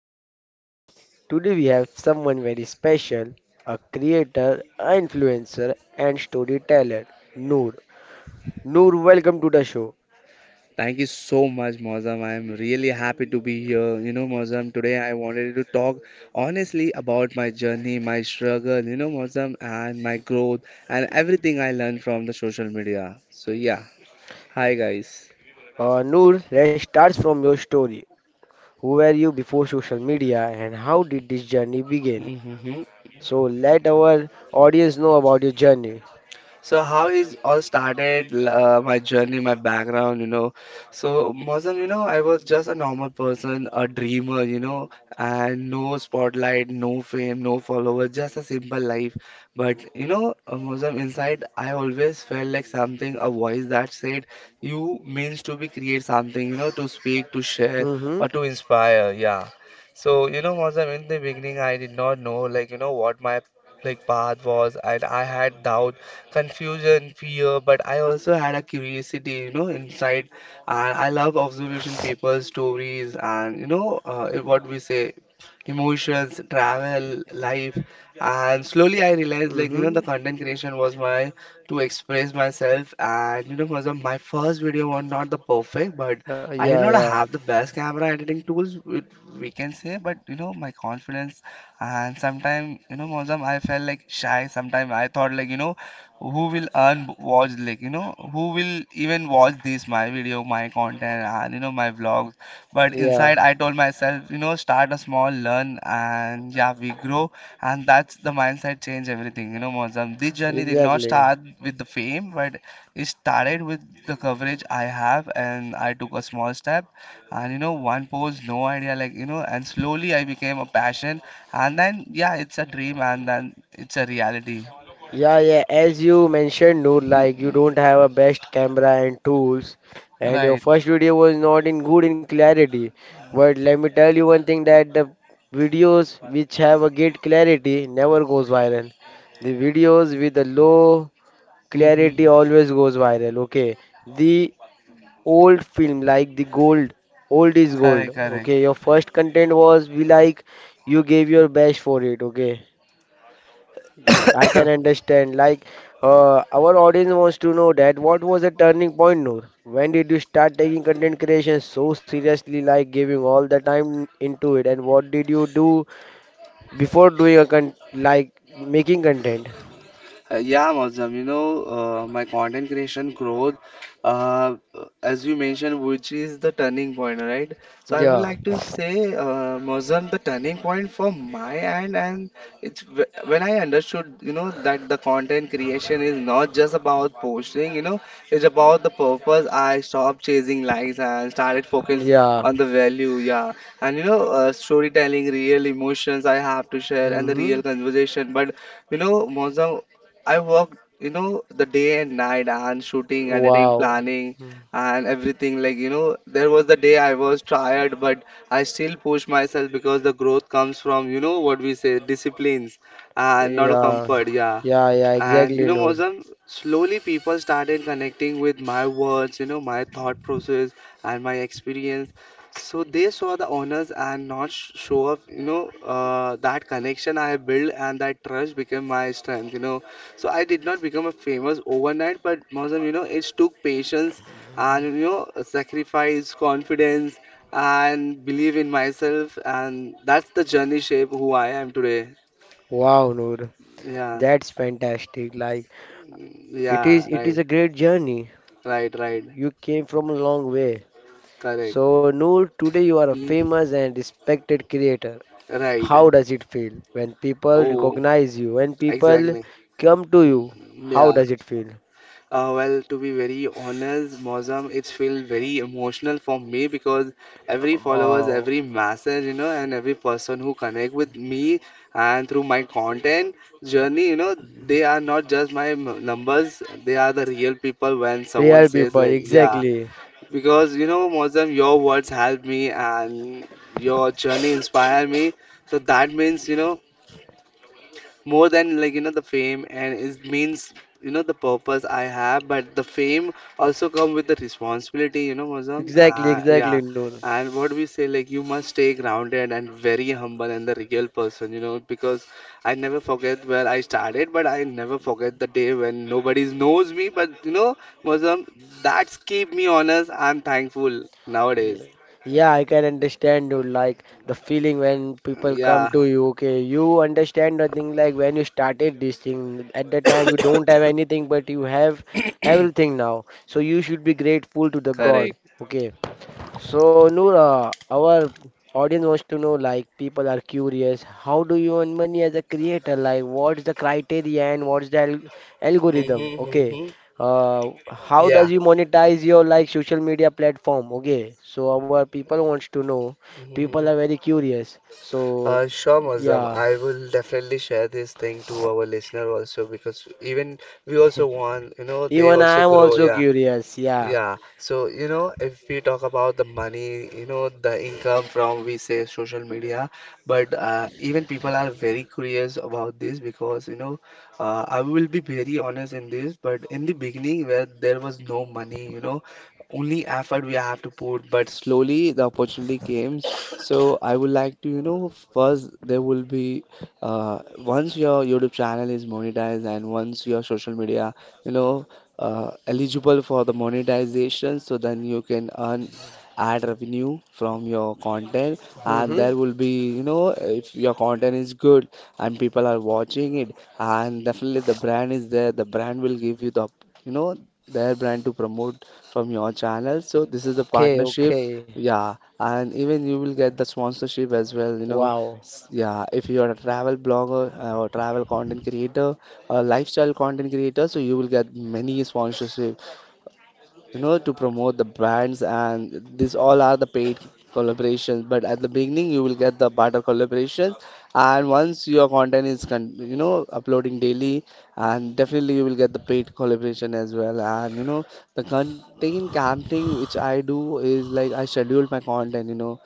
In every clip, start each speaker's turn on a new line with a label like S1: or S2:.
S1: welcome to podcast. Today we have someone very special, a creator, a influencer and storyteller, Noor. Noor, welcome to the show.
S2: Thank you so much, Mozam. I'm really happy to be here. You know, Mozam, today I wanted to talk honestly about my journey, my struggle, Mozam, and my growth and everything I learned from the social media. So, yeah. Hi, guys.
S1: Noor, let's start from your story. Who were you before social media and how did this journey begin?
S2: hmm
S1: So let our audience know about your journey.
S2: So how is all started my journey, my background, you know. So Mozam, you know, I was just a normal person, a dreamer, you know, and no spotlight, no fame, no followers, just a simple life. But you know, Mozam, inside I always felt like something, a voice that said, "You means to be create something, you know, to speak, to share,
S1: Mm-hmm.
S2: or to inspire." Yeah. So you know, Mozam, in the beginning, I did not know, like you know, what my like path was, and I had doubt confusion, fear, but I also had a curiosity, you know, inside. And I love observation, people, stories, and you know, what we say, emotions, travel, life. And slowly I realized, like, you know, the
S1: Mm-hmm.
S2: content creation was my to express myself. And you know, my first video was not the perfect, but
S1: Uh,
S2: I did
S1: yeah,
S2: not
S1: yeah,
S2: have the best camera editing tools, which we can say, but you know, my confidence and sometimes you know Mozam I felt like shy sometimes I thought like you know who will un watch like you know who will even watch this my video my content and you know my vlogs but
S1: yeah.
S2: inside I told myself you know start a small learn and yeah we grow. And that's the mindset change everything you know Mozam. This journey did not
S1: Exactly.
S2: start with the fame, but it started with the coverage I have, and I took a small step. And you know, one post, no idea, like you know, and slowly I became a passion, and then yeah, it's a dream, and then it's a reality.
S1: Yeah, yeah. As you mentioned, no, like you
S2: Mm.
S1: don't have a best camera and tools, and your
S2: Right.
S1: first video was not in good in clarity. But let me tell you one thing that the videos which have a good clarity never goes viral. The videos with a low
S2: Mm-hmm.
S1: clarity always goes viral. Okay, the old film like the gold, old is gold.
S2: Correct, correct.
S1: Okay, your first content was we like you gave your best for it. Okay, I can understand. Like, our audience wants to know that what was the turning point, Noor? When did you start taking content creation so seriously, like giving all the time into it? And what did you do before doing a con like making content?
S2: Yeah, Mozam, you know, my content creation growth, uh, as you mentioned, which is the turning point, right? So I would
S1: Yeah,
S2: like to say, Mozam, the turning point for my end, and when I understood, you know, that the content creation is not just about posting, you know, it's about the purpose. I stopped chasing likes and started focus
S1: yeah.
S2: on the value, yeah, and you know, storytelling, real emotions I have to share, and the real
S1: Mm-hmm.
S2: conversation, but you know, Mozam, I worked, you know, the day and night and shooting, editing,
S1: Wow.
S2: planning,
S1: Mm.
S2: and everything. Like, you know, there was the day I was tired, but I still push myself because the growth comes from, you know, what we say, disciplines and not a
S1: Yeah,
S2: comfort. Yeah.
S1: yeah, yeah.
S2: And you
S1: Exactly,
S2: know,
S1: Noor.
S2: Mozam, slowly people started connecting with my words, you know, my thought process and my experience. So they saw the honors and not show up. You know, that connection I have built and that trust became my strength, you know. So I did not become a famous overnight, but Mausam, you know, it took patience and you know, sacrifice, confidence, and believe in myself, and that's the journey shape who I am today.
S1: Wow, Noor.
S2: Yeah.
S1: That's fantastic. Like,
S2: Mm,
S1: it
S2: yeah,
S1: is, it is
S2: right,
S1: a great journey.
S2: right, right,
S1: You came from a long way.
S2: correct.
S1: So, Noor, today you are a
S2: Mm.
S1: famous and respected creator. How
S2: Right.
S1: does it feel when people
S2: Oh,
S1: recognize you, when people
S2: exactly.
S1: come to you?
S2: Mm.
S1: How
S2: Yeah.
S1: does it feel?
S2: Well, to be very honest, Mozam, it's feel very emotional for me because every followers,
S1: Wow,
S2: every message, you know, and every person who connect with me and through my content journey, you know, they are not just numbers, they are the real people. When someone
S1: real
S2: says,
S1: people,
S2: like, yeah,
S1: exactly,
S2: because you know, Mozam, your words help me and your journey inspire me. So that means, you know, more than like you know the fame, and it means, you know, the purpose I have. But the fame also come with the responsibility, you know, Mozam.
S1: exactly,
S2: Yeah,
S1: exactly, Noor.
S2: and what we say, like, you must stay grounded and very humble and the real person, you know, because I never forget where I started, but I never forget the day when nobody knows me. But you know, Mozam, that's keep me honest and thankful nowadays.
S1: Yeah, yeah, I can understand you like the feeling when people come
S2: Yeah,
S1: to you. Okay, you understand the thing like when you started this thing at that time you don't have anything, but you have everything now. So you should be grateful to the God.
S2: correct.
S1: Okay, so, Noora, our audience wants to know like, people are curious, how do you earn money as a creator? Like, what's the criteria and what's the al algorithm?
S2: hmm
S1: Okay.
S2: hmm
S1: How does you monetize your like social media platform? Okay. So, our people wants to know. People
S2: yeah
S1: are very curious. So,
S2: Sure, Muslim.
S1: yeah.
S2: I will definitely share this thing to our listener also because even we also want, you know, they
S1: Even
S2: also
S1: I am
S2: grow.
S1: also
S2: Yeah,
S1: curious. Yeah.
S2: yeah, so you know, if we talk about the money, you know, the income from we say social media, but even people are very curious about this because you know, I will be very honest in this, but in the beginning, where there was no money, you know, only effort we have to put, but slowly the opportunity came. So I would like to, you know, first there will be once your YouTube channel is monetized and once your social media, you know, eligible for the monetization, so then you can earn ad revenue from your content. And
S1: Mm-hmm.
S2: there will be, you know, if your content is good and people are watching it, and definitely the brand is there, the brand will give you the, you know, their brand to promote from your channel. So this is the
S1: Okay,
S2: partnership.
S1: okay.
S2: Yeah, and even you will get the sponsorship as well, you know.
S1: Wow.
S2: Yeah, if you are a travel blogger, or travel content creator, a lifestyle content creator, so you will get many sponsorship, you know, to promote the brands, and these all are the paid collaborations. But at the beginning, you will get the barter collaborations, and once your content is, you know, uploading daily, and definitely you will get the paid collaboration as well. And you know, the content camping which I do is like I schedule my content, you know.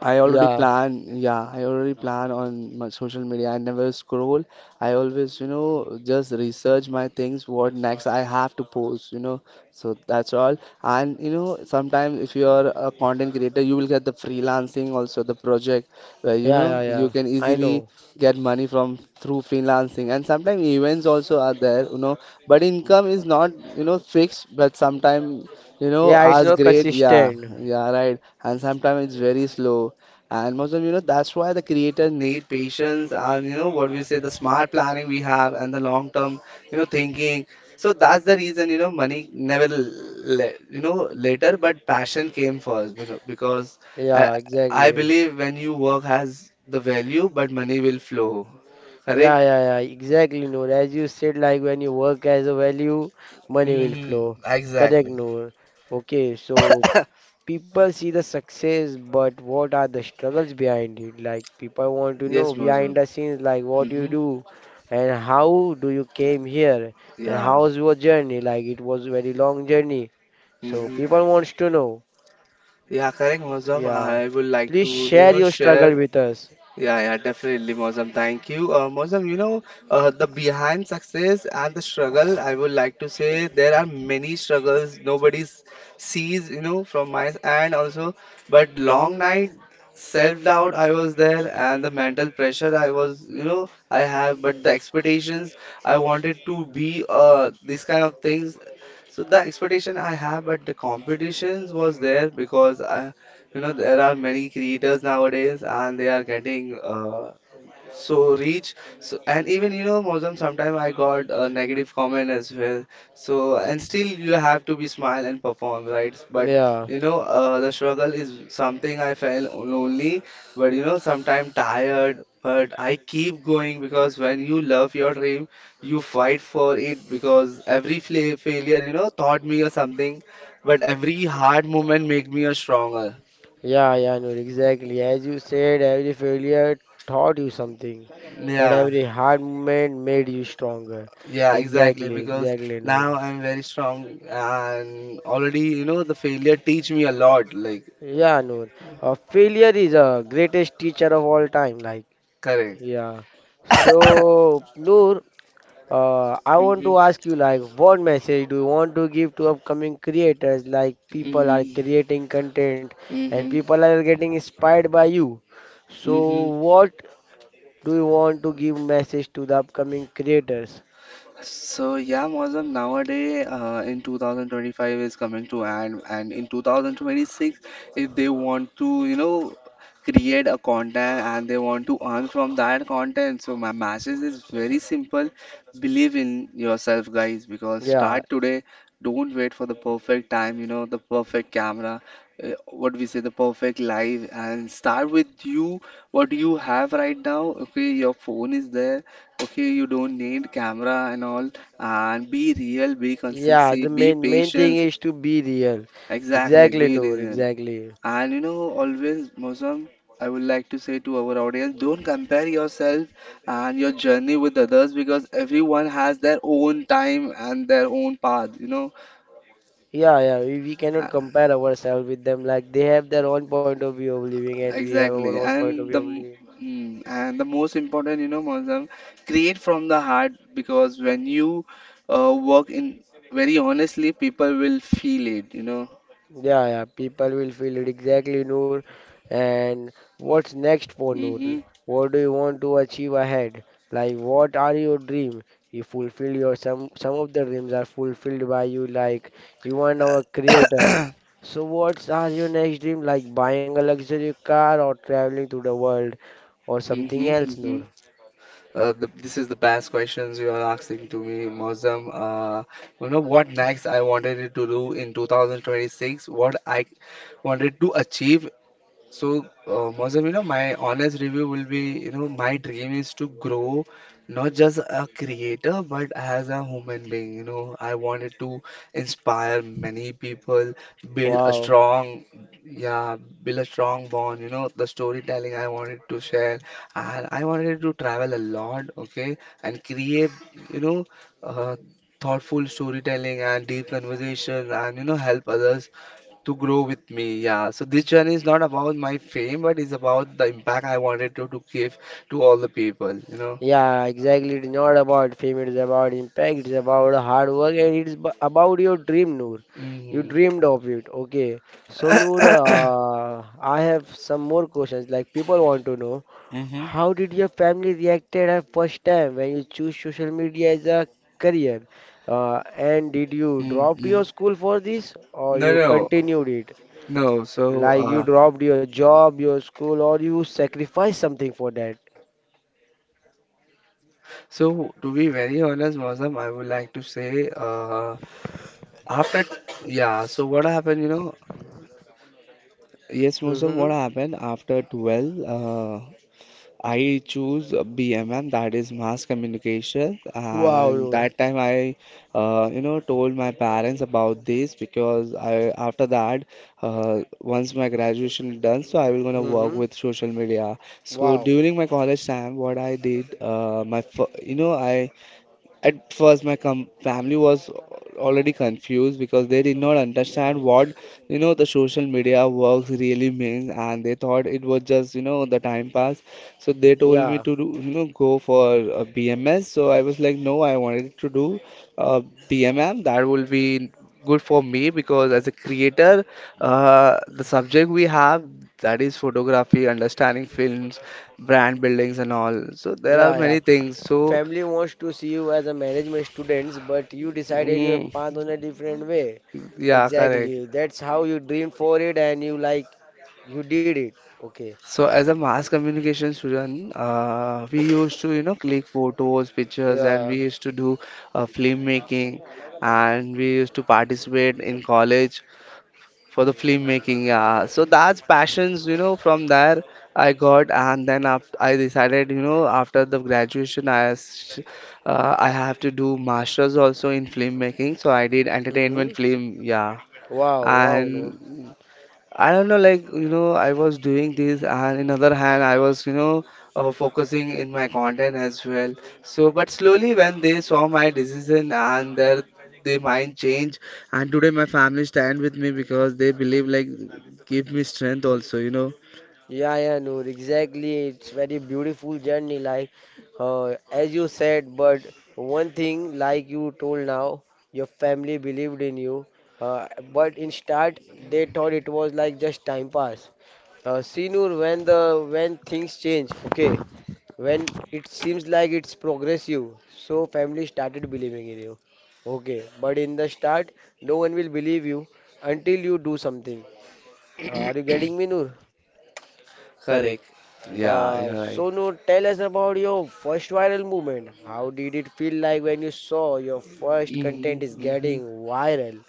S2: I already
S1: Yeah.
S2: plan, yeah, I already plan on my social media. I never scroll. I always, you know, just research my things, what next I have to post, you know. So that's all. And, you know, sometimes if you are a content creator, you will get the freelancing also, the project where, you
S1: Yeah,
S2: know,
S1: yeah, yeah.
S2: you can
S1: I
S2: easily
S1: know.
S2: get money from through freelancing. And sometimes events also are there, you know, but income is not, you know, fixed, but sometimes, you know,
S1: Yeah, it's
S2: as
S1: not
S2: great, yeah,
S1: consistent.
S2: yeah, right. And sometimes it's very slow. And most of you know that's why the creator need patience and you know what we say the smart planning we have and the long term, you know, thinking. So that's the reason, you know, money never le you know, later, but passion came first. You know, because
S1: Yeah,
S2: I I
S1: exactly.
S2: believe when you work has the value, but money will flow.
S1: Yeah,
S2: Correct?
S1: yeah, yeah, exactly, Noor. As you said, like when you work as a value, money will
S2: Mm-hmm.
S1: flow. Correct,
S2: Exactly.
S1: Noor. Okay, so people see the success, but what are the struggles behind it? Like people want to know
S2: Yes,
S1: behind
S2: Mozum.
S1: the scenes, like what you
S2: Mm-hmm.
S1: do and how do you came here and
S2: Yeah.
S1: how's your journey? Like it was very long journey. So
S2: Mm-hmm.
S1: people wants to know.
S2: Yeah, correct, Mozam.
S1: Yeah.
S2: I would like
S1: Please
S2: to, you
S1: share
S2: know,
S1: your
S2: share.
S1: struggle with us.
S2: Yeah, yeah, definitely, Mozam. Thank you. Mozam, you know, the behind success and the struggle, I would like to say there are many struggles nobody sees, you know, from my s- and also, but long night self-doubt I was there and the mental pressure I was, you know, I have, but the expectations I wanted to be these kind of things, so the expectation I have, but the competitions was there because I, you know, there are many creators nowadays and they are getting so reach. So, and even, you know, Mozam, sometimes I got a negative comment as well. So, and still you have to be smile and perform, right? But,
S1: Yeah,
S2: you know, the struggle is something I felt lonely, but, you know, sometimes tired. But I keep going because when you love your dream, you fight for it because every fla failure, you know, taught me or something, but every hard moment make me a stronger.
S1: yeah, yeah, Noor, exactly. As you said, every failure taught you something, but
S2: Yeah,
S1: every hard moment made you stronger.
S2: yeah, exactly.
S1: Exactly,
S2: Because
S1: exactly, Noor.
S2: now I'm very strong, and already, you know, the failure teach me a lot. Like,
S1: Yeah, Noor. Failure is a greatest teacher of all time. Like,
S2: correct.
S1: yeah. So, Noor, I want
S2: Mm-hmm.
S1: to ask you, like, what message do you want to give to upcoming creators? Like, people are
S2: Mm-hmm.
S1: creating content and
S2: Mm-hmm.
S1: people are getting inspired by you. So,
S2: Mm-hmm.
S1: what do you want to give message to the upcoming creators?
S2: So yeah, Mozam, nowadays in 2025 is coming to end, and in 2026, if they want to, you know, create a content and they want to earn from that content, so my message is very simple. Believe in yourself, guys, because
S1: Yeah,
S2: start today. Don't wait for the perfect time, you know, the perfect camera, what we say, the perfect live, and start with you, what you have right now. Okay, your phone is there, okay, you don't need camera and all. And be real, be
S1: yeah.
S2: consistency,
S1: The
S2: be
S1: main thing
S2: patient.
S1: is to be real.
S2: Exactly,
S1: Exactly,
S2: be
S1: Noor.
S2: real.
S1: Exactly.
S2: And you know, always, Mosam, I would like to say to our audience, don't compare yourself and your journey with others because everyone has their own time and their own path, you know.
S1: Yeah, yeah. We cannot compare ourselves with them. Like they have their own point of view of living, and we have our
S2: Exactly,
S1: own point of
S2: and
S1: view
S2: the
S1: of
S2: m-
S1: living.
S2: mm, and the most important, you know, Mozam, create from the heart because when you work in very honestly, people will feel it, you know.
S1: Yeah, yeah, people will feel it exactly, Noor. And what's next for Noor?
S2: Mm-hmm.
S1: What do you want to achieve ahead? Like, what are your dream? You fulfill your some of the dreams are fulfilled by you. Like, you are now a creator. So, what's are your next dream? Like buying a luxury car or traveling to the world or something
S2: Mm-hmm.
S1: else,
S2: Mm-hmm.
S1: Noor?
S2: This is the best questions you are asking to me, Mozam. You know what next I wanted to do in 2026, what I wanted to achieve. So, Mozam, you know, my honest review will be, you know, my dream is to grow not just a creator, but as a human being. You know, I wanted to inspire many people, build a
S1: Wow.
S2: strong, yeah, build a strong bond. You know, the storytelling I wanted to share, and I wanted to travel a lot, okay, and create, you know, uh, thoughtful storytelling and deep conversation, and you know, help others to grow with me. Yeah. So this journey is not about my fame, but it's about the impact I wanted to give to all the people, you know.
S1: Yeah, exactly. It's not about fame, it's about impact, it's about hard work, and it's about your dream, Noor. You
S2: Mm-hmm.
S1: dreamed of it, okay? So, Noor, I have some more questions. Like, people want to know,
S2: Mm-hmm.
S1: how did your family reacted at first time when you choose social media as a career? And did you drop
S2: Mm-hmm.
S1: your school for this, or
S2: No,
S1: you
S2: no,
S1: continued it?
S2: no. So,
S1: Like, you
S2: uh,
S1: dropped your job, your school, or you sacrificed something for that?
S2: so to be very honest, Mozam, I would like to say, after, yeah. So what happened, you know? Yes, Mozam,
S1: Mm-hmm.
S2: what happened after 12? I choose BMM, that is mass communication,
S1: Wow,
S2: and
S1: Noor.
S2: that time I you know, told my parents about this because I after that, once my graduation is done, so I will gonna
S1: Mm-hmm.
S2: work with social media. So
S1: Wow.
S2: during my college time, what I did, you know, I at first, my com family was already confused because they did not
S1: Mhm.
S2: understand what, you know, the social media works really means, and they thought it was just, you know, the time pass. So they told me
S1: Yeah.
S2: to do, you know, go for a BMS. So I was like, no, I wanted to do uh, BMM. That will be good for me because as a creator, the subject we have, that is photography, understanding films, brand buildings, and all. So there are
S1: Yeah, yeah.
S2: many things. So.
S1: Family wants to see you as a management students, but you decided your
S2: Mm.
S1: path on a different way.
S2: Yeah, correct.
S1: Exactly. That's how you dreamed for it and you like you did it. Okay.
S2: So as a mass communication student, we used to, you know, click photos, pictures, and
S1: Yeah.
S2: we used to do film making, and we used to participate in college for the film making. Yeah, so that's passions, you know, from there I got, and then after I decided, you know, after the graduation, I have to do masters also in film making. So I did
S1: Mm-hmm.
S2: entertainment film, yeah,
S1: Wow, wow, no.
S2: and I don't know, like, you know, I was doing this, and in other hand, I was, you know, focusing in my content as well. So, but slowly when they saw my decision and their mind change, and today my family stand with me because they believe like give me strength also, you know.
S1: Yeah, yeah, no, exactly. It's very beautiful journey, like as you said. But one thing, like you told now, your family believed in you. But in start, they thought it was like just time pass. See, Noor, when the when things change, okay, when it seems like it's progressive, so family started believing in you. Okay, but in the start, no one will believe you until you do something. Are you getting me, Noor?
S2: Correct. Yeah, you're right.
S1: Sonu, tell us about your first viral movement. How did it feel like when you saw your first content is
S2: Hmm.
S1: getting viral?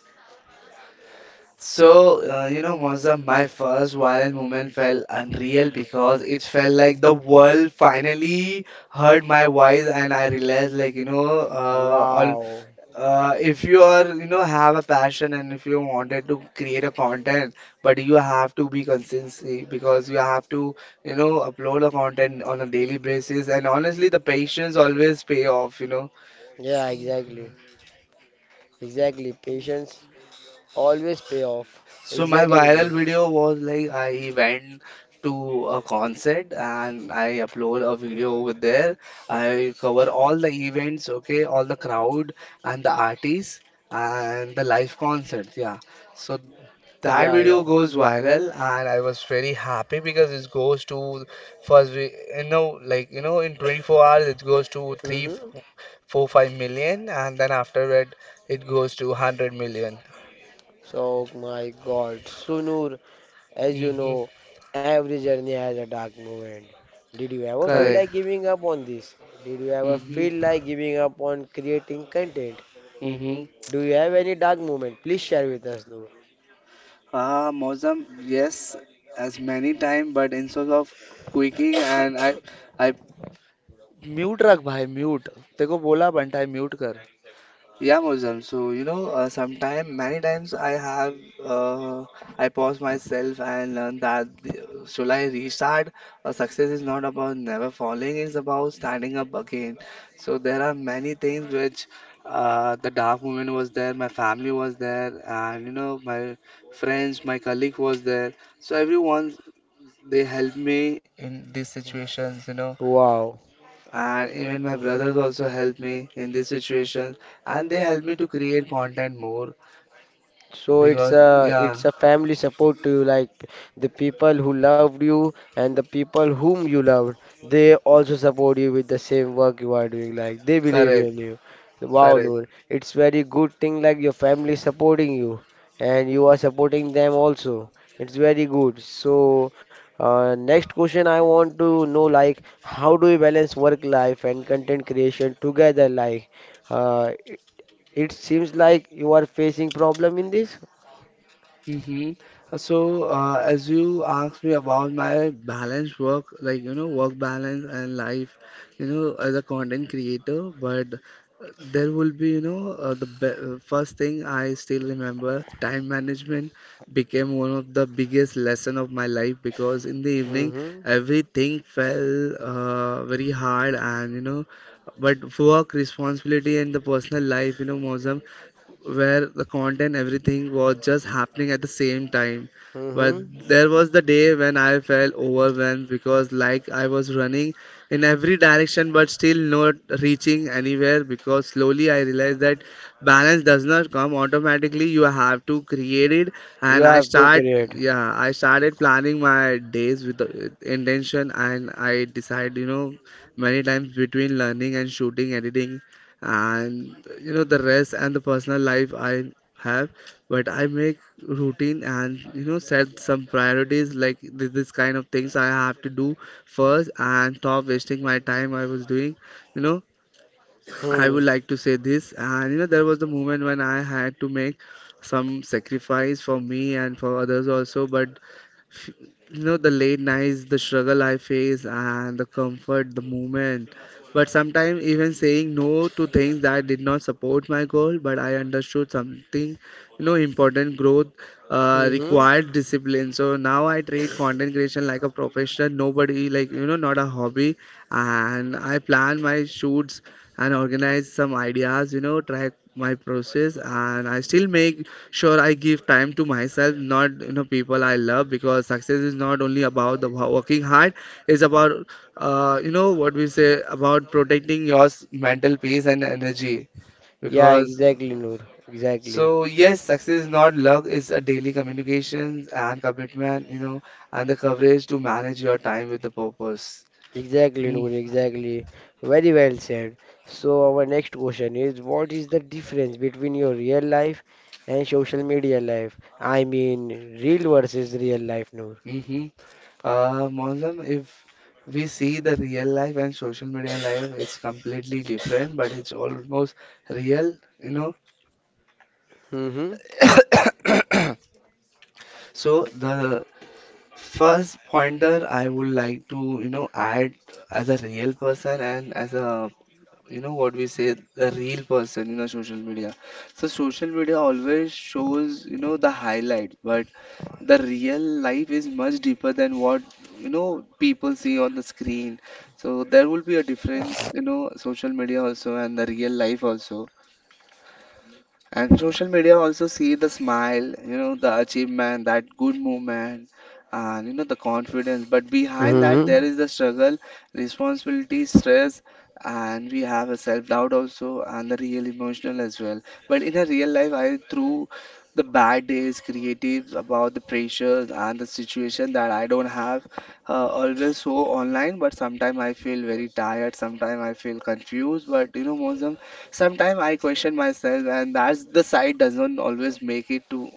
S2: So, you know, Moza, my first viral moment felt unreal because it felt like the world finally heard my voice, and I realized, like,
S1: Wow.
S2: if you are, you know, have a passion and if you wanted to create a content, but you have to be consistency because you have to, you know, upload a content on a daily basis, and honestly, the patience always pay off, you know.
S1: Yeah, exactly. Exactly. Patience always pay off.
S2: So my
S1: Exactly.
S2: viral
S1: Noor.
S2: video was like I went to a concert and I upload a video over there. I cover all the events, okay, all the crowd and the artists and the live concerts, yeah. So that
S1: Yeah, yeah.
S2: video goes viral and I was very happy because it goes to first we you know like you know in 24 hours it goes to
S1: Mm-hmm.
S2: four, 5 million and then after that it goes to 100 million.
S1: So, my God, Sunur, as you
S2: Mm-hmm.
S1: know, every journey has a dark moment. Did you ever feel
S2: Correct.
S1: like giving up on this? Did you ever feel
S2: Mm-hmm.
S1: like giving up on creating content?
S2: Mm-hmm.
S1: Do you have any dark moment? Please share with us, Noor.
S2: Mozam, yes, as many time, but instead of quaking and I, yeah, Mozam. So you know, sometime many times I have, uh, I pause myself and learn that should I restart? A success is not about never falling; it's about standing up again. So there are many things which, the dark moment was there, my family was there, and you know, my friends, my colleague was there. So everyone they help me in these situations, you know,
S1: Wow.
S2: and even my brothers also help me in these situations, and they help me to create content more
S1: So it's
S2: because,
S1: a
S2: yeah,
S1: it's a family support to you, like the people who loved you and the people whom you loved, they also support you with the same work you are doing, like they believe
S2: correct,
S1: in you. Wow,
S2: correct.
S1: Noor, it's very good thing like your family supporting you and you are supporting them also. It's very good. So next question I want to know like how do you balance work life and content creation together? Like uh, it it seems like you are facing problem in this.
S2: Mm-hmm. So, as you asked me about my balance work, like you know, work balance and life, you know, as a content creator, but there will be, you know, the be first thing I still remember, time management became one of the biggest lesson of my life because in the evening
S1: Mm-hmm.
S2: everything fell very hard and you know, but work responsibility and the personal life, you know, Mozam, where the content everything was just happening at the same time, but
S1: Mm-hmm.
S2: there was the day when I felt overwhelmed because like I was running in every direction but still not reaching anywhere because slowly I realized that balance does not come automatically. You have to create it,
S1: You
S2: and I
S1: have to
S2: start,
S1: create.
S2: yeah, I started planning my days with the intention and I decide, you know, many times between learning and shooting editing and you know the rest and the personal life I have, but I make routine and you know set some priorities like this kind of things I have to do first and stop wasting my time I was doing, you know, I
S1: Hmm.
S2: would like to say this, and you know there was the moment when I had to make some sacrifice for me and for others also, f- you know, the late nights, the struggle I face, and the comfort, the movement. But sometimes even saying no to things that did not support my goal, but I understood something, you know, important growth
S1: Mm-hmm.
S2: required discipline. So now I treat content creation like a profession, nobody like, you know, not a hobby. And I plan my shoots and organize some ideas, you know, track my process, and I still make sure, I give time to myself, not you know people I love, because success is not only about working hard. It's about you know what we say about protecting your mental peace and energy.
S1: Yeah,
S2: Because
S1: exactly, Noor. Exactly.
S2: so yes, success is not luck. It's a daily communications and commitment, you know, and the courage to manage your time with the purpose.
S1: Exactly,
S2: Hmm.
S1: Noor. Exactly. Very well said. So, our next question is what is the difference between your real life and social media life? I mean, real versus real life, Noor.
S2: Mm-hmm. Mozam, if we see the real life and social media life, it's completely different, but it's almost real, you know.
S1: Mm-hmm.
S2: So the first pointer I would like to, you know, add as a real person and as a you know what we say the real person in our social media, so social media always shows you know the highlight but the real life is much deeper than what you know people see on the screen, so there will be a difference you know social media also and the real life also, and social media also see the smile, you know, the achievement, that good movement, and you know, the confidence. But behind that, there
S1: Mm-hmm.
S2: is the struggle, responsibility, stress, and we have a self-doubt also, and the real emotional as well. But in a real life, I through the bad days, creatives about the pressures and the situation that I don't have always so online. But sometimes I feel very tired, sometimes I feel confused. But you know, most sometimes I question myself, and that's the side doesn't always make it to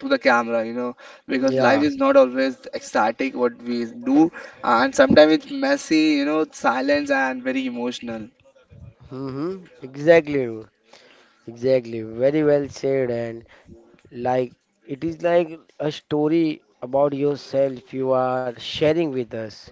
S2: to the camera, you know, because life
S1: Yeah.
S2: is not always ecstatic what we do, and sometimes it's messy, you know, silence and very emotional.
S1: Mm-hmm. Exactly, Noor. Exactly. Very well said. And like it is like a story about yourself you are sharing with us.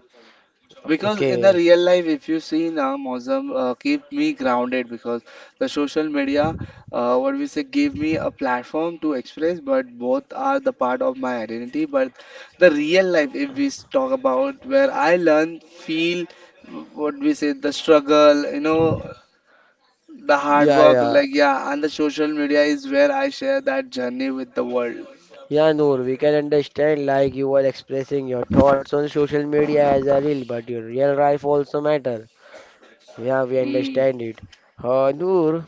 S2: Because in the
S1: Okay.
S2: real life, if you see now, Mozam keep me grounded because the social media, what we say, give me a platform to express, but both are the part of my identity. But the real life, if we s- talk about where I learn, feel, what we say, the struggle, you know, the hard
S1: Yeah,
S2: work,
S1: yeah.
S2: like yeah, and the social media is where I share that journey with the world.
S1: Yeah, Noor, we can understand like you are expressing your thoughts on social media as a reel, but your real life also matter. Yeah, we
S2: Mm.
S1: understand it. Noor,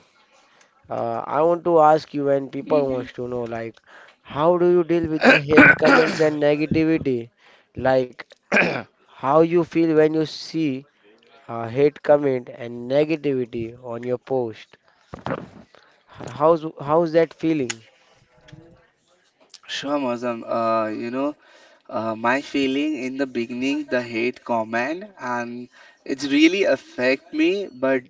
S1: I want to ask you and people
S2: Mhm.
S1: wants to know like how do you deal with the hate comments and negativity? Like how you feel when you see hate comment and negativity on your post. How's that feeling?
S2: Sure, Mozam. My feeling in the beginning, the hate comment, and it's really affect me. But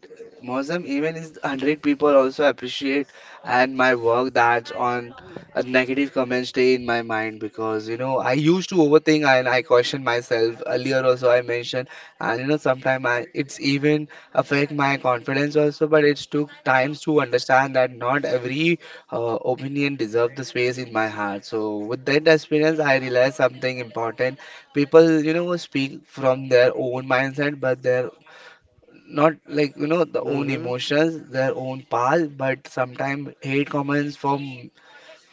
S2: Mozam, even is 100 people also appreciate and my work that's on a negative comment stay in my mind because you know I used to overthink and I question myself earlier also I mentioned and you know sometimes I it's even affect my confidence also but it took times to understand that not every her opinion deserve the space in my heart. So with that experience, I realized something important. People, you know, speak from their own mindset, but they're not like you know the own
S1: Mm-hmm.
S2: emotions, their own path. But sometimes hate comments from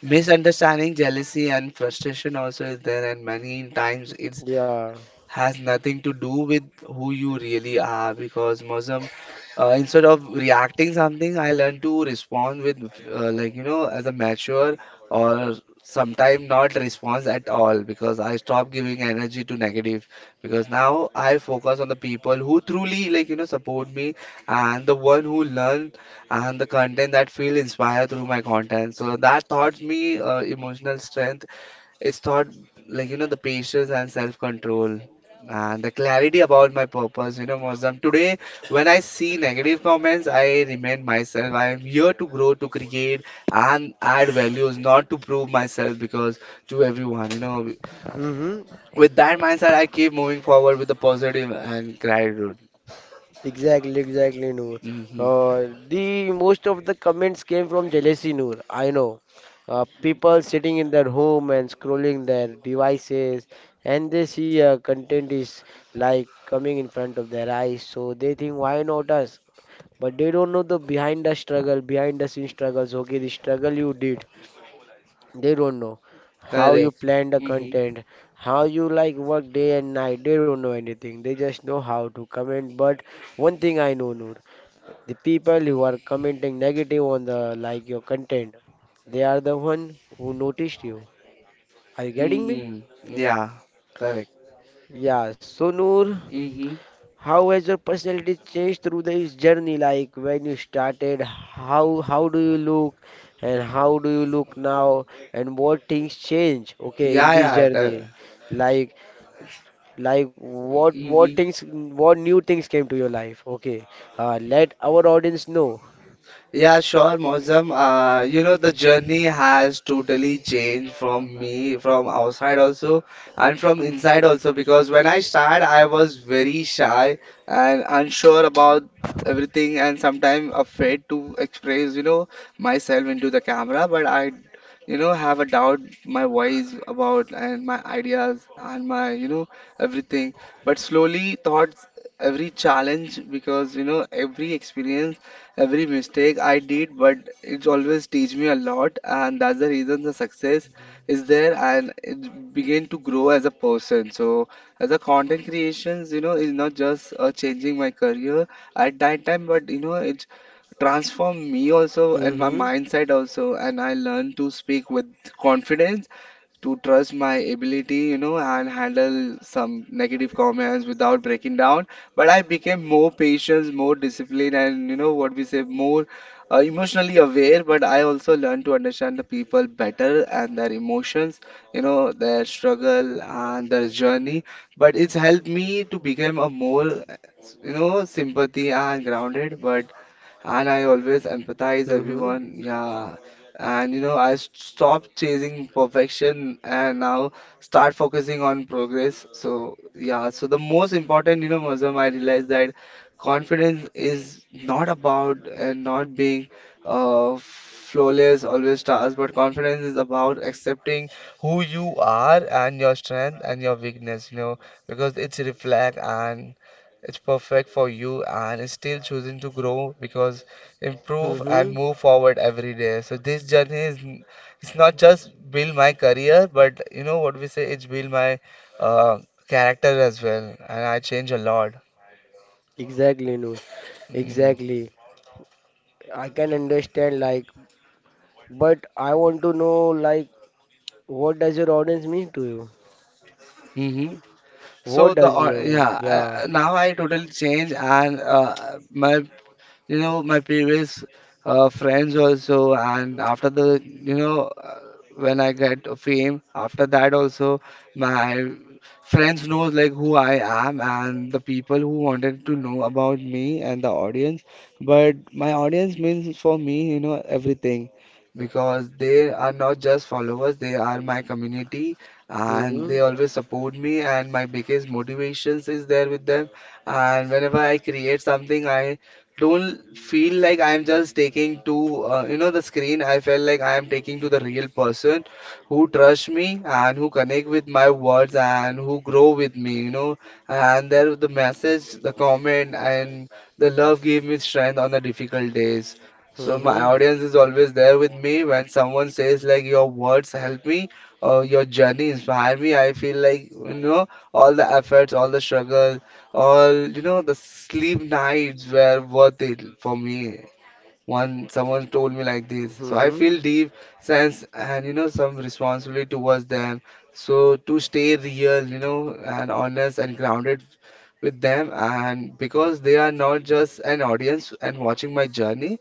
S2: misunderstanding, jealousy, and frustration also is there, and many times it's
S1: Yeah.
S2: has nothing to do with who you really are because Muslim, instead of reacting something, I learn to respond with like you know as a mature or sometimes not response at all because I stop giving energy to negative because now I focus on the people who truly like you know support me and the one who learn and the content that feel inspired through my content. So that taught me emotional strength. It's taught like you know the patience and self-control. And the clarity about my purpose, you know, Muslim. Today, when I see negative comments, I remind myself I am here to grow, to create, and add values, not to prove myself because to everyone, you know.
S1: Mm-hmm.
S2: With that mindset, I keep moving forward with the positive and gratitude.
S1: Exactly, exactly, Noor.
S2: Hmm.
S1: The most of the comments came from jealousy, Noor. I know. People sitting in their home and scrolling their devices, and they see content is like coming in front of their eyes, so they think, why not us? But they don't know the behind the struggle, behind the scenes struggles. Okay, the struggle you did, they don't know how you
S2: Correct.
S1: plan the
S2: Hmm.
S1: content, how you like work day and night. They don't know anything. They just know how to comment. But one thing I know, Noor, the people who are commenting negative on the like your content, they are the one who noticed you. Are you getting me?
S2: Hmm. Yeah. Correct.
S1: Yeah. So Noor.
S2: Hmm.
S1: How has your personality changed through this journey? Like when you started, how do you look and how do you look now and what things change, okay,
S2: Yeah,
S1: in this
S2: yeah.
S1: journey? Like like what
S2: Hmm.
S1: things what new things came to your life? Okay. Let our audience know.
S2: Yeah, sure, Mozam. You know, the journey has totally changed from me, from outside also, and from inside also. Because when I started, I was very shy and unsure about everything, and sometimes afraid to express, you know, myself into the camera. But I, you know, have a doubt my voice about and my ideas and my, you know, everything. But slowly, thoughts, every challenge, because, you know, every experience every mistake I did, but it always teach me a lot, and that's the reason the success is there and it began to grow as a person. So as a content creations, you know, is not just changing my career at that time, but you know, it transform me also and my
S1: Mm-hmm.
S2: mindset also, and I learn to speak with confidence to trust my ability, you know, and handle some negative comments without breaking down. But I became more patient, more disciplined, and you know what we say, more emotionally aware. But I also learned to understand the people better and their emotions, you know, their struggle and their journey. But it's helped me to become a more, you know, sympathy and grounded. But and I always empathize
S1: Mm-hmm.
S2: everyone. Yeah. And you know, I stopped chasing perfection and now start focusing on progress. So yeah, so the most important, you know, Muslim, I realized that confidence is not about and not being flawless, always stars, but confidence is about accepting who you are and your strength and your weakness, you know, because it's reflect and it's perfect for you and it's still choosing to grow because improve and
S1: Mm-hmm.
S2: move forward every day. So this journey is it's not just build my career, but you know what we say, it's build my uh, character as well, and I change a lot.
S1: Exactly, no.
S2: Hmm.
S1: Exactly. I can understand like but I want to know like what does your audience mean to you?
S2: Hmm. So
S1: What
S2: the
S1: does you want?
S2: yeah,
S1: Yeah.
S2: now I totally change, and my you know my previous friends also and after the you know when I get fame after that also my friends knows like who I am and the people who wanted to know about me and the audience but my audience means for me you know everything because they are not just followers, they are my community and
S1: Mm-hmm.
S2: they always support me and my biggest motivations is there with them and whenever I create something I don't feel like I'm just taking to you know the screen. I felt like I am taking to the real person who trust me and who connect with my words and who grow with me. You know, and there the message, the comment, and the love gave me strength on the difficult days. So my
S1: Mm-hmm.
S2: audience is always there with me when someone says like your words help me or your journey inspire me. I feel like you know all the efforts, all the struggle all, you know, the sleep nights were worth it for me. One, someone told me like this. So I
S1: Mm-hmm.
S2: feel deep sense and, you know, some responsibility towards them. So to stay real, you know, and honest and grounded with them, and because they are not just an audience and watching my journey,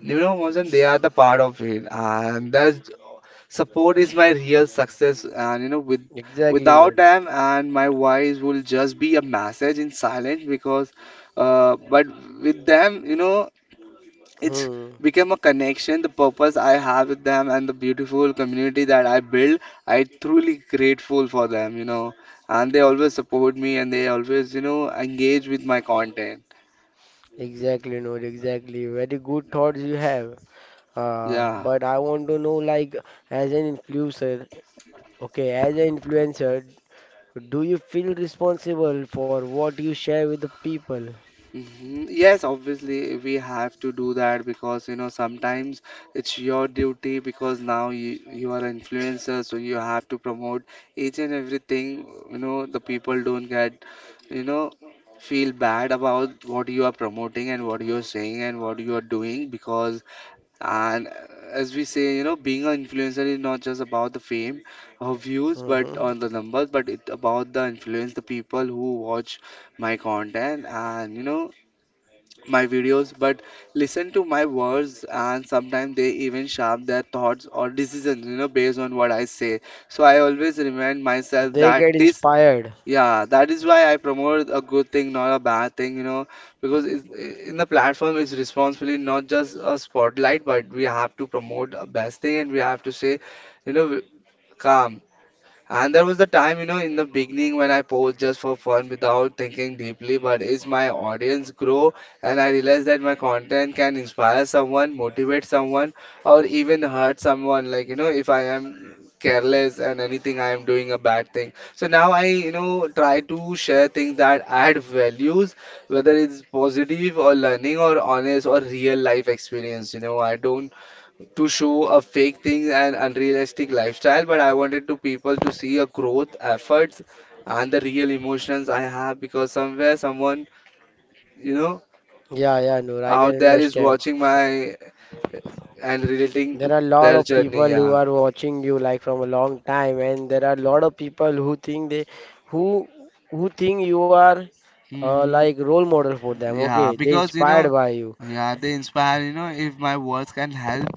S2: you know, Mohan, they are the part of it, and that support is my real success. And you know, with
S1: Exactly,
S2: without
S1: Noor.
S2: them, and my voice will just be a message in silence because, but with them, you know, it's
S1: Hmm.
S2: become a connection. The purpose I have with them and the beautiful community that I build, I truly grateful for them. You know, and they always support me, and they always, you know, engage with my content.
S1: Exactly, Noor. Exactly. Very good thoughts you have.
S2: Yeah.
S1: But I want to know, like, as an influencer, okay, as an influencer, do you feel responsible for what you share with the people?
S2: Mhm. Yes, obviously we have to do that because you know sometimes it's your duty because now you are an influencer, so you have to promote each and everything. You know the people don't get you know feel bad about what you are promoting and what you are saying and what you are doing because and as we say you know being an influencer is not just about the fame or views but
S1: Mm-hmm.
S2: on the numbers but it about the influence the people who watch my content and you know my videos, but listen to my words, and sometimes they even shape their thoughts or decisions, you know, based on what I say. So I always remind myself
S1: They
S2: that
S1: get
S2: this,
S1: inspired.
S2: yeah, that is why I promote a good thing, not a bad thing, you know, because it's, in the platform, it's responsibility not just a spotlight, but we have to promote the best thing and we have to say, you know, calm. And there was the time, you know, in the beginning when I post just for fun without thinking deeply. But as my audience grow and I realize that my content can inspire someone, motivate someone, or even hurt someone. Like, you know, if I am careless and anything I am doing a bad thing. So now I, you know, try to share things that add values, whether it's positive or learning or honest or real life experience. You know, I don't to show a fake thing and unrealistic lifestyle, but I wanted to people to see a growth efforts and the real emotions I have because somewhere someone, you know,
S1: Yeah, yeah, Noor. I can
S2: out there is
S1: understand.
S2: watching my and relating to
S1: There are a lot
S2: their
S1: of
S2: journey.
S1: people who
S2: Yeah.
S1: are watching you like from a long time, and there are a lot of people who think they who who think you are
S2: Hmm.
S1: like role model for them.
S2: Yeah,
S1: Okay, they
S2: because you know,
S1: inspired by you.
S2: yeah, they inspire, you know, if my words can help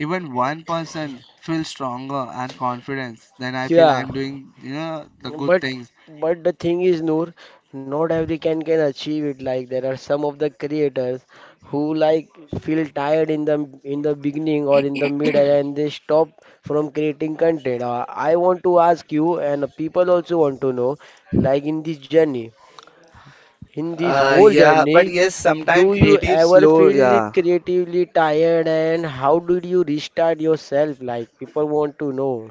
S2: even one person feel stronger and confidence, then I feel
S1: Yeah.
S2: I'm doing, you know, the good
S1: But
S2: things.
S1: but the thing is, Noor, not every can achieve it. Like there are some of the creators who like feel tired in the beginning or in the middle and they stop from creating content. I want to ask you, and people also want to know, like in this journey, in this whole
S2: Yeah, but
S1: journey,
S2: yes, sometimes
S1: do you
S2: creative
S1: ever
S2: slow.
S1: feel
S2: Yeah,
S1: creatively tired and how did you restart yourself? Like people want to know.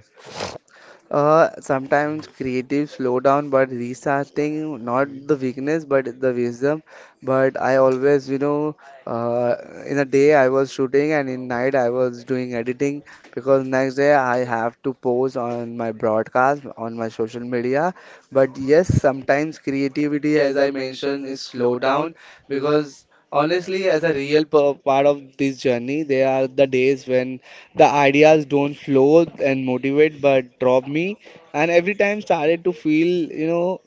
S2: Sometimes creative slow down, but restarting, not the weakness, but the wisdom. But I always, you know, uh, in a day I was shooting and in night I was doing editing because next day I have to post on my broadcast on my social media. But yes, sometimes creativity, as I mentioned, is slow down because honestly, as a real part of this journey, there are the days when the ideas don't flow and motivate, but drop me. And every time started to feel, you know,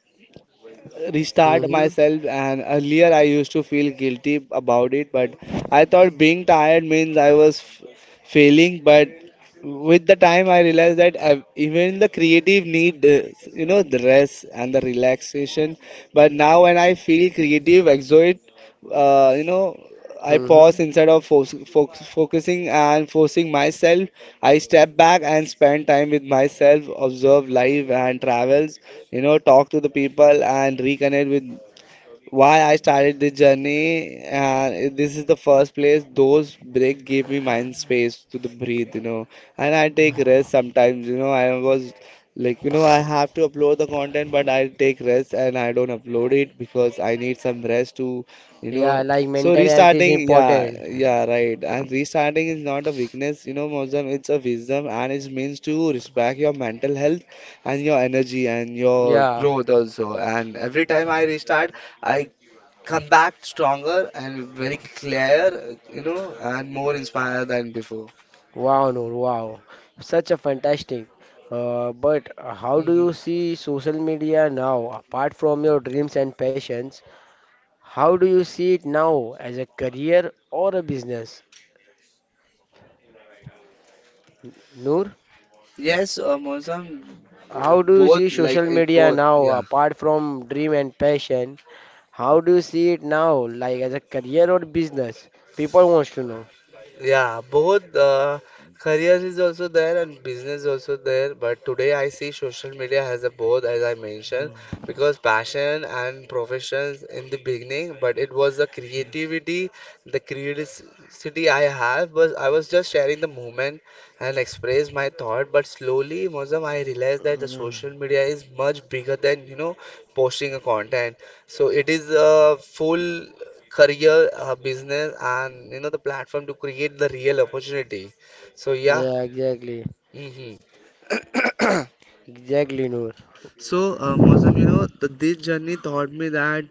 S2: restart
S1: Mm-hmm.
S2: myself and earlier I used to feel guilty about it but I thought being tired means I was failing but with the time I realized that even the creative need you know the rest and the relaxation but now when I feel creative exert, you know, I pause
S1: Mm-hmm.
S2: instead of focusing and forcing myself. I step back and spend time with myself, observe life and travels, you know, talk to the people and reconnect with why I started this journey, and this is the first place. Those break gave me mind space to the breathe, you know, and I take rest sometimes. You know, I was like, you know, I have to upload the content, but I take rest and I don't upload it because I need some rest to, you
S1: Yeah,
S2: know.
S1: like
S2: So
S1: mental health is
S2: restarting, yeah,
S1: important.
S2: yeah, right. And restarting is not a weakness, you know, Mozam. It's a wisdom, and it means to respect your mental health and your energy and your
S1: Yeah,
S2: growth also and every time I restart I come back stronger and very clear, you know, and more inspired than before.
S1: wow, Noor, wow. Such a fantastic. But how do
S2: Hmm.
S1: you see social media now, apart from your dreams and passions? How do you see it now as a career or a business? Noor,
S2: Yes, Mozam,
S1: how do you
S2: both,
S1: see
S2: like,
S1: social media
S2: both,
S1: now,
S2: yeah.
S1: apart from dream and passion? How do you see it now, like as a career or business? People wants to know.
S2: Yeah, both careers is also there and business also there. But today I see social media has a both, as I mentioned, because passion and professions in the beginning, but it was the creativity I have, was I was just sharing the moment and express my thought. But slowly, Mozam, I realized that the social
S1: Mhm.
S2: media is much bigger than you know posting a content. So it is a full career business and you know the platform to create the real opportunity. So yeah.
S1: Yeah, exactly.
S2: Hmm.
S1: Exactly, Noor.
S2: So Mausam, you know this journey taught me that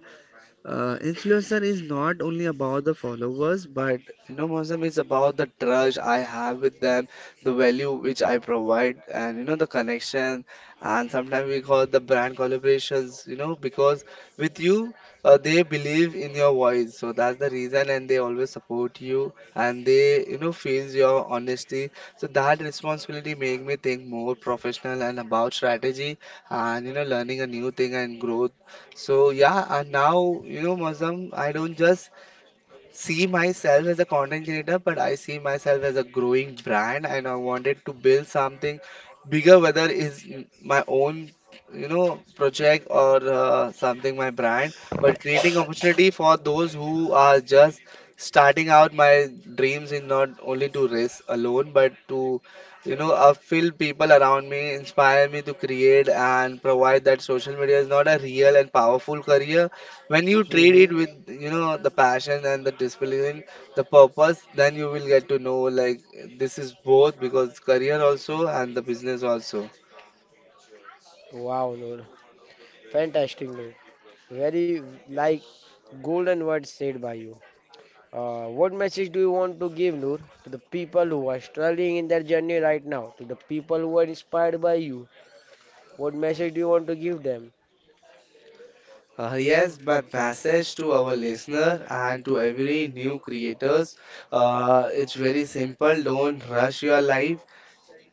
S2: Influencer is not only about the followers, but you know, Mozam is about the trust I have with them, the value which I provide, and you know, the connection. And sometimes we call the brand collaborations, you know, because with you, they believe in your voice, so that's the reason, and they always support you, and they, you know, feels your honesty. So that responsibility make me think more professional and about strategy, and you know, learning a new thing and growth so yeah, and now you know, Mazam, I don't just see myself as a content creator, but I see myself as a growing brand, and I wanted to build something bigger, whether is my own, you know, project or something my brand, but creating opportunity for those who are just starting out. My dreams is not only to race alone, but to you know, fill people around me, inspire me to create and provide that social media is not a real and powerful career, when you trade it
S1: Mm-hmm.
S2: with you know the passion and the discipline the purpose then you will get to know like this is both because career also and the business also.
S1: Wow, Noor. Fantastic, Noor. Very like golden words said by you. What message do you want to give, Noor, to the people who are struggling in their journey right now? To the people who are inspired by you? What message do you want to give them?
S2: Yes, my message to our listener and to every new creators, it's very simple. Don't rush your life.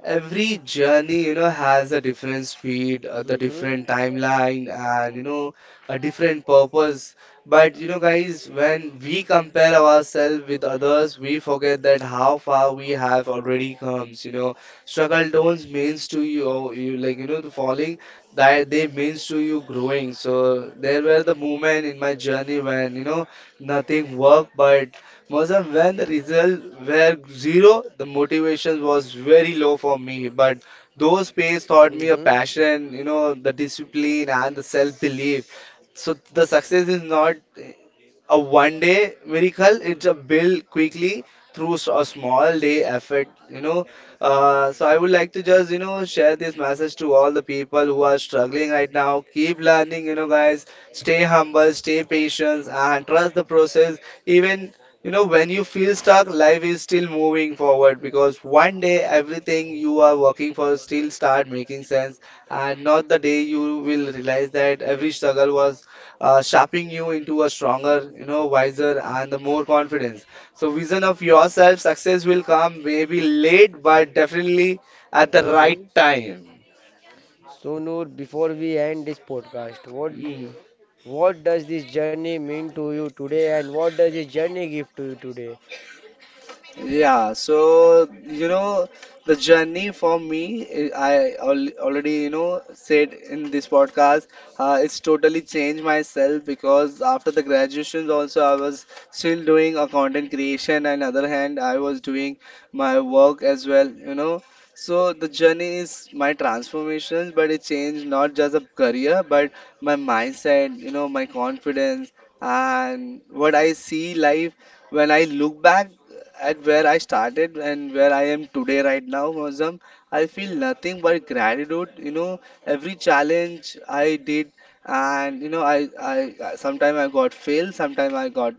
S2: Every journey, you know, has a different speed, the
S1: Mm-hmm.
S2: different timeline, and you know, a different purpose. But you know, guys, when we compare ourselves with others, we forget that how far we have already come. You know, struggle don't means to you, oh, you like you know, the falling that they means to you growing. So there were the moment in my journey when you know nothing worked, but Mozam, when the results were zero, the motivation was very low for me. But those pays taught me a
S1: Mm-hmm.
S2: passion, you know, the discipline and the self-belief. So the success is not a one-day miracle. It's a build quickly through a small day effort. You know, so I would like to just you know share this message to all the people who are struggling right now. Keep learning, you know, guys. Stay humble, stay patient, and trust the process. Even you know, when you feel stuck, life is still moving forward because one day everything you are working for still start making sense, and not the day you will realize that every struggle was shaping you into a stronger, you know, wiser and the more confidence. So vision of yourself, success will come maybe late, but definitely at the right
S1: Mm-hmm.
S2: time.
S1: So, Noor, before we end this podcast, what
S2: Mm.
S1: what does this journey mean to you today, and what does this journey give to you today?
S2: Yeah, so you know, the journey for me, eh, I al already, you know, said in this podcast, it's totally changed myself because after the graduations also I was still doing a content creation and other hand I was doing my work as well, you know. So the journey is my transformations, but it changed not just a career, but my mindset, you know, my confidence and what I see life when I look back at where I started and where I am today, right now, Mozam, I feel nothing but gratitude. You know, every challenge I did, and you know, sometimes I got failed, sometimes I got,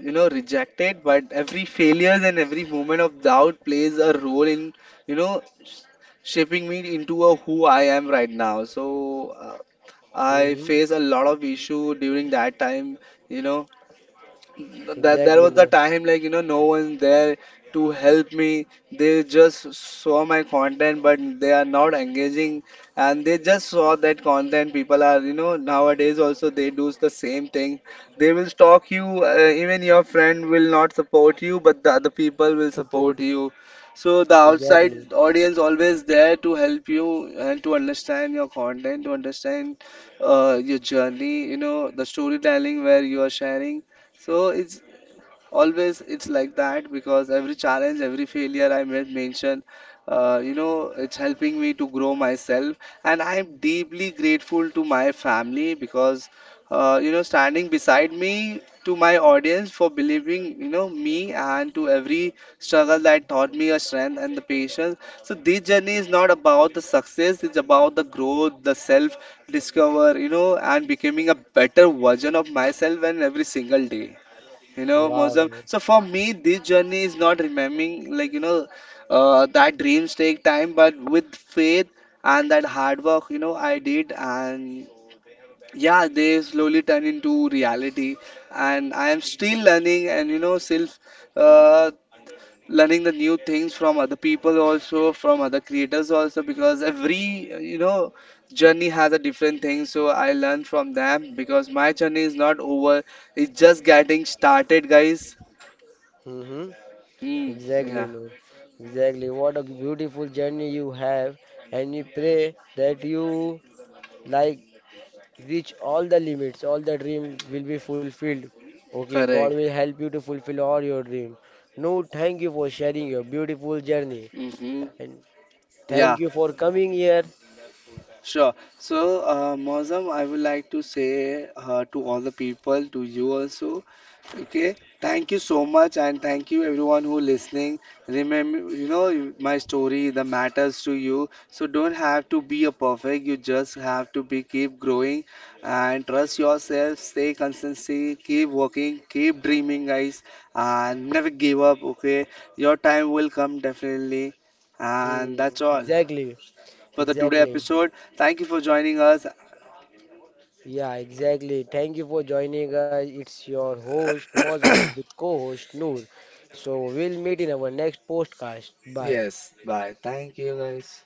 S2: you know, rejected, but every failures and every moment of doubt plays a role in, you know, shaping me into a who I am right now. So, I
S1: Mm-hmm.
S2: face a lot of issue during that time, you know that there
S1: Exactly,
S2: was the
S1: Noor.
S2: time like you know no one there to help me. They just saw my content but they are not engaging, and they just saw that content. People are you know nowadays also they do the same thing. They will stalk you. Even your friend will not support you but the other people will support you, so the outside
S1: Exactly.
S2: audience always there to help you and to understand your content, to understand your journey, you know, the storytelling where you are sharing. So it's always it's like that because every challenge, every failure I made mention, you know, it's helping me to grow myself, and I am deeply grateful to my family because, you know, standing beside me, to my audience for believing, you know, me, and to every struggle that taught me a strength and the patience. So this journey is not about the success; it's about the growth, the self discover, you know, and becoming a better version of myself and every single day. You know,
S1: Wow,
S2: Mozam.
S1: Noor.
S2: So for me, this journey is not remembering, like, you know, that dreams take time, but with faith and that hard work, you know, I did. And yeah, they slowly turn into reality. And I am still learning and, you know, still uh, learning the new things from other people also, from other creators also, because every, you know, journey has a different thing. So I learn from them because my journey is not over. It's just getting started, guys.
S1: Mm-hmm.
S2: Mm,
S1: Exactly,
S2: yeah,
S1: no. Exactly. What a beautiful journey you have, and we pray that you like reach all the limits, all the dream will be fulfilled. Okay, God
S2: correct.
S1: will help you to fulfill all your dream. No, thank you for sharing your beautiful journey,
S2: Mm-hmm.
S1: and
S2: Yeah.
S1: thank you for coming here.
S2: Sure. So, Mozam, I would like to say to all the people, to you also, okay? Thank you so much, and thank you everyone who listening. Remember, you know, my story, the matters to you. So don't have to be a perfect. You just have to be keep growing, and trust yourself. Stay consistency. Keep working. Keep dreaming, guys, and never give up. Okay, your time will come definitely, and
S1: Hmm,
S2: that's all
S1: exactly,
S2: for the today
S1: exactly.
S2: episode. Thank you for joining us.
S1: Yeah, exactly. Thank you for joining us. It's your host Mozam with co-host Noor. So we'll meet in our next podcast. Bye.
S2: Yes, bye. Thank you guys.